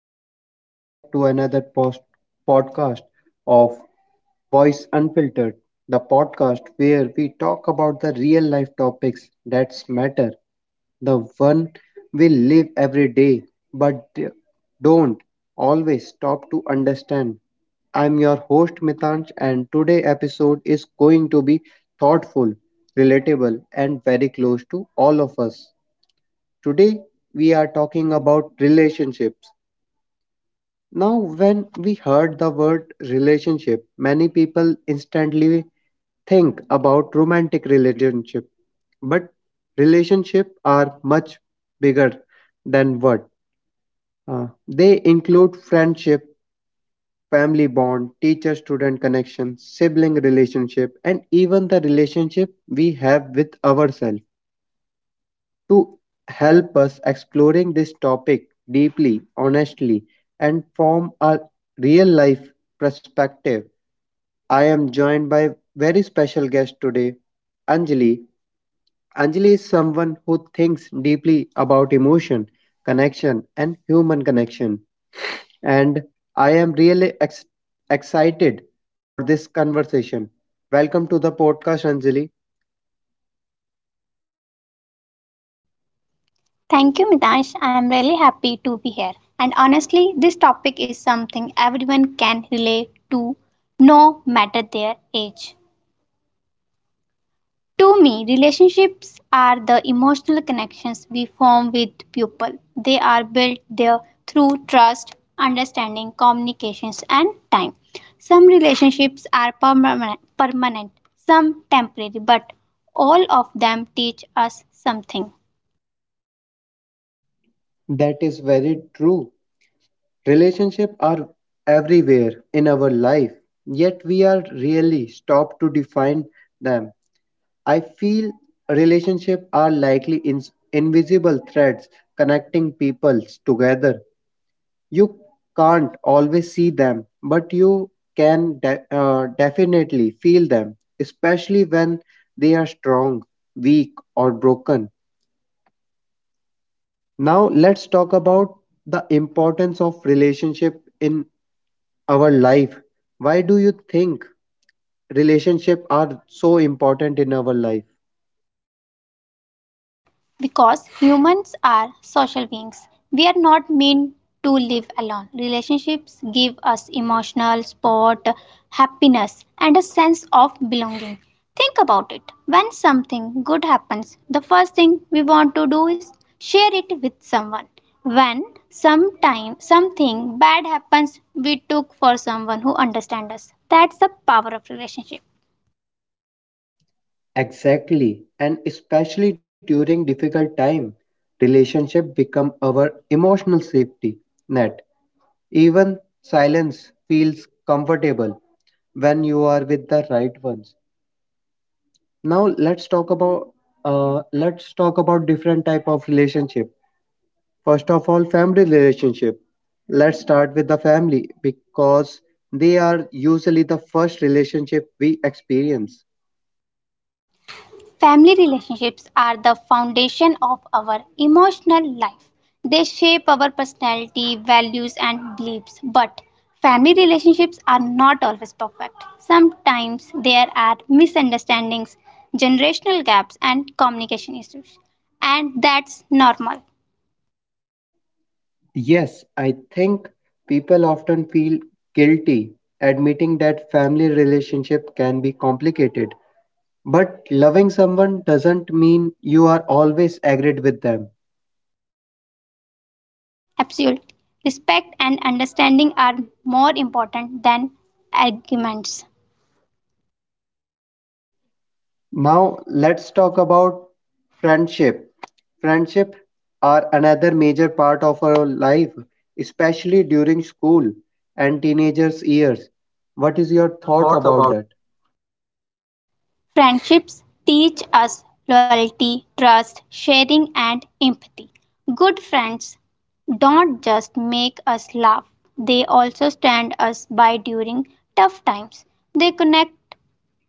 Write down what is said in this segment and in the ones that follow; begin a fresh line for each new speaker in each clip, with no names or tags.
and welcome back to another podcast of Voice Unfiltered, the podcast where we talk about the real life topics that matter, the one we live every day but don't always stop to understand. I'm your host Mitansh, and today episode is going to be thoughtful, relatable, and very close to all of us. Today we are talking about relationships now, when we heard the word relationship, many people instantly think about romantic relationship, but relationship are much bigger than what they include friendship, family bond, teacher student connection, sibling relationship, and even the relationship we have with ourselves to help us exploring this topic deeply, honestly, and form a real life perspective. I am joined by very special guest today, Anjali. Anjali is someone who thinks deeply about emotion, connection, and human connection. And I am really excited for this conversation. Welcome to the podcast, Anjali.
Thank you, Mitansh. I am really happy to be here. And honestly, this topic is something everyone can relate to, no matter their age. To me, relationships are the emotional connections we form with people. They are built there through trust, understanding, communications, and time. Some relationships are permanent, some temporary, but all of them teach us something.
That is very true. Relationships are everywhere in our life, yet we are really stopped to define them. I feel relationships are likely ins invisible threads connecting peoples together. You can't always see them, but you can definitely feel them, especially when they are strong, weak, or broken. Now let's talk about the importance of relationship in our life. Why do you think relationships are so important in our life?
Because humans are social beings, we are not meant to live alone. Relationships give us emotional support, happiness, and a sense of belonging. Think about it. When something good happens, the first thing we want to do is share it with someone. When sometime something bad happens, we look for someone who understands us. That's the power of relationship.
Exactly, and especially during difficult time, relationship become our emotional safety net. Even silence feels comfortable when you are with the right ones. Now let's talk about different type of relationship. First of all, family relationship. Let's start with the family because they are usually the first relationship we experience.
Family relationships are the foundation of our emotional life. They shape our personality, values, and beliefs. But family relationships are not always perfect. Sometimes there are misunderstandings, generational gaps, and communication issues. And that's normal.
Yes, I think people often feel guilty admitting that family relationship can be complicated. But loving someone doesn't mean you are always agreed with them.
Absolutely. Respect and understanding are more important than arguments.
Now let's talk about friendship. Friendship are another major part of our life, especially during school and teenagers years. What
What
is
is
your
your
thought
thoughts
about
about?
that?
Friendships teach us loyalty, trust, sharing, and empathy. Good friends don't just make us laugh, they also stand us by during tough times. They connect,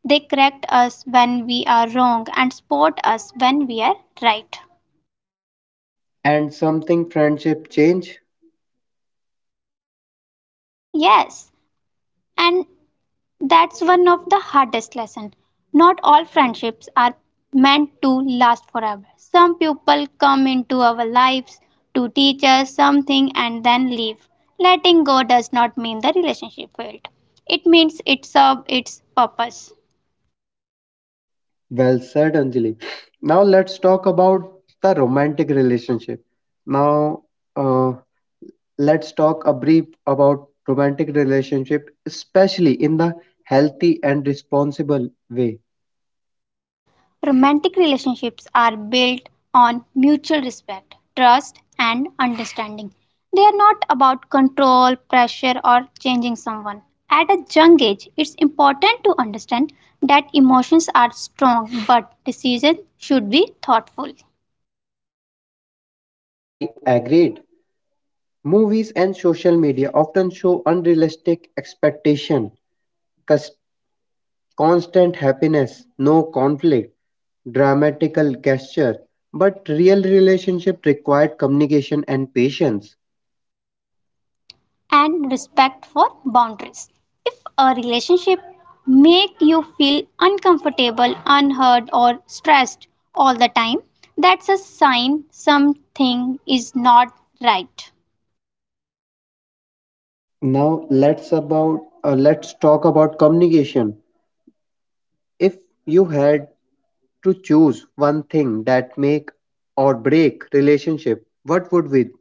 they correct us when we are wrong and support us when we are right.
And something friendship change?
Yes, and that's one of the hardest lessons. Not all friendships are meant to last forever. Some people come into our lives to teach us something and then leave. Letting go does not mean the relationship failed. It means it served its purpose.
Well said, Anjali. Now let's talk about the romantic relationship. Now uh, let's talk a brief about romantic relationship, especially in the healthy and responsible way.
Romantic relationships are built on mutual respect, trust, and understanding. They are not about control, pressure, or changing someone. At a young age, it's important to understand that emotions are strong, but decisions should be thoughtful.
I agreed. Movies and social media often show unrealistic expectation, cus- constant happiness, no conflict, dramatical gesture, but real relationship required communication and patience.
And respect for boundaries. If a relationship makes you feel uncomfortable, unheard or stressed all the time, that's a sign something is not right.
Now let's talk about communication. If you had to choose one thing that make or break relationship, what would we.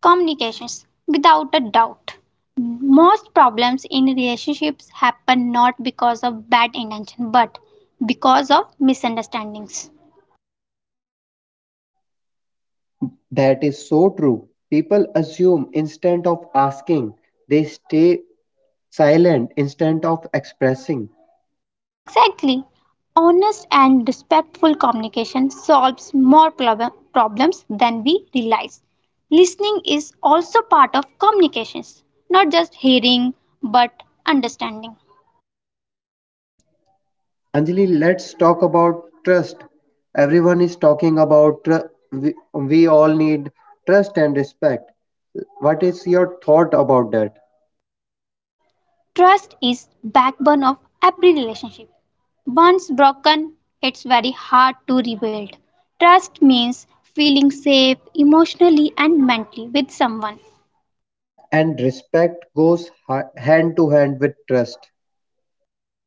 Communications without a doubt. Most problems in relationships happen not because of bad intention but because of misunderstandings.
That is so true. People assume instead of asking, they stay silent instead of expressing.
Exactly. Honest and respectful communication solves more problems than we realize. Listening is also part of communications, not just hearing but understanding.
Anjali, let's talk about trust. Everyone is talking about we all need trust and respect. What is your thought about that?
Trust is backbone of every relationship. Once broken, it's very hard to rebuild. Trust means feeling safe emotionally and mentally with someone.
And respect goes hand to hand with trust.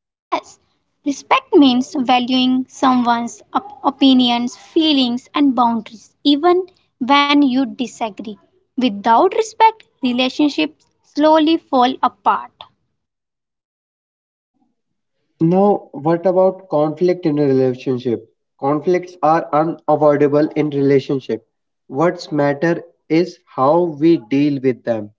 Yes, respect means valuing someone's opinions, feelings, and boundaries, even when you disagree. Without respect, relationships slowly fall apart.
Now, what about conflict in a relationship? Conflicts are unavoidable in relationship. What's matter is how we deal with them.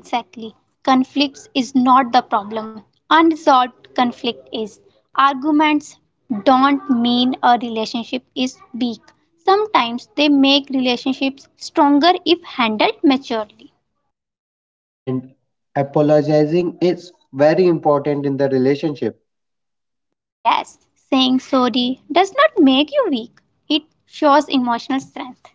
Exactly. Conflicts is not the problem. Unresolved conflict is. Arguments don't mean a relationship is weak. Sometimes they make relationships stronger if handled maturely.
And apologizing is very important in the relationship.
Yes, saying sorry does not make you weak, it shows emotional strength.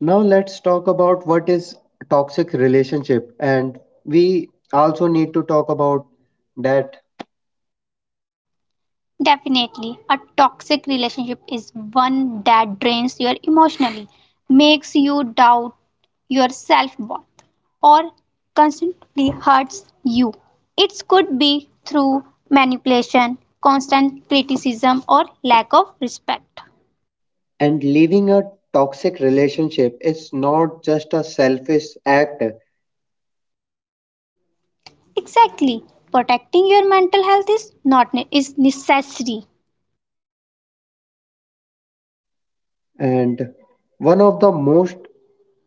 Now let's talk about what is toxic relationship and we also need to talk about that.
Definitely, a toxic relationship is one that drains you emotionally, makes you doubt your self worth, or constantly hurts you. It could be through manipulation, constant criticism, or lack of respect.
And leaving a toxic relationship is not just a selfish act.
Exactly, protecting your mental health is not ne- is necessary.
And one of the most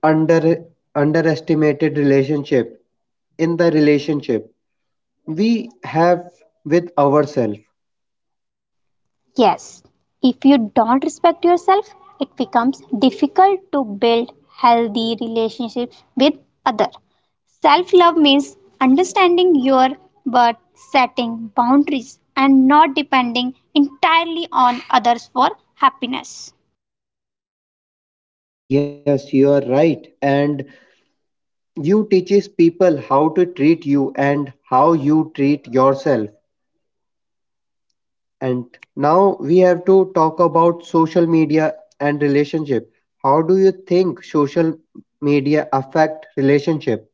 under underestimated relationship in the relationship we have with ourselves.
Yes, if you don't respect yourself, it becomes difficult to build healthy relationships with others. Self love means understanding your worth, setting boundaries, and not depending entirely on others for happiness.
Yes, you are right, and you teaches people how to treat you and how you treat yourself. And now we have to talk about social media and relationship. How do you think social media affect relationship?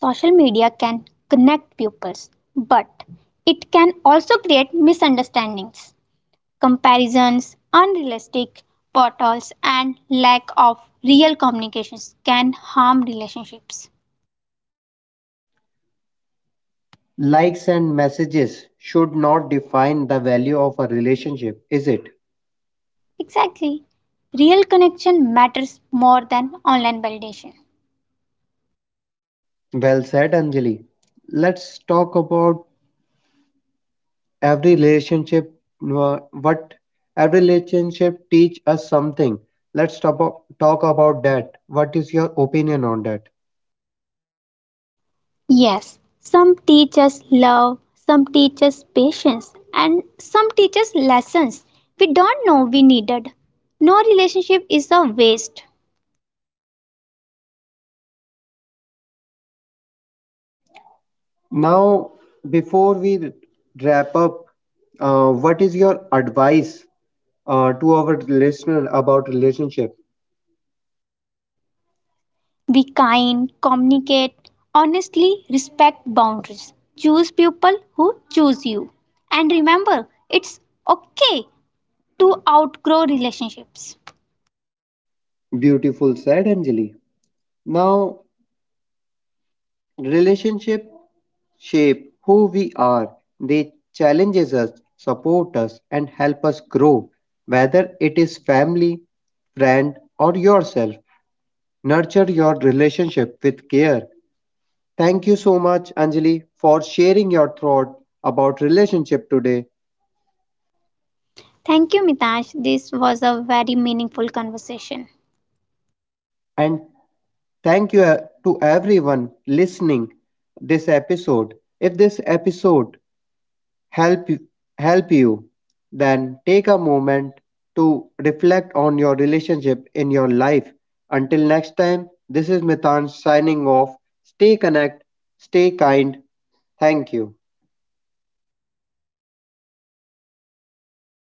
Social media can connect pupils, but it can also create misunderstandings. Comparisons, unrealistic portals, and lack of real communications can harm relationships.
Likes and messages should not define the value of a relationship, is it?
Exactly. Real connection matters more than online validation.
Well said, Anjali. Let's talk about every relationship. What every relationship teach us something. Talk about that. What is your opinion on that?
Yes, some teach us love, some teach us patience, and some teach us lessons we don't know we needed. No relationship is a waste.
Now, before we wrap up, what is your advice to our listener about relationship?
Be kind, communicate honestly, respect boundaries. Choose people who choose you. And remember, it's okay to outgrow relationships.
Beautiful said, Anjali. Now relationships shape who we are. They challenge us, support us, and help us grow. Whether it is family, friend, or yourself, nurture your relationship with care. Thank you so much, Anjali, for sharing your thought about relationship today.
Thank you, Mitash. This was a very meaningful conversation.
And thank you to everyone listening this episode. If this episode help help you, then take a moment to reflect on your relationship in your life. Until next time, this is Mithun signing off. Stay connect, stay kind. Thank you.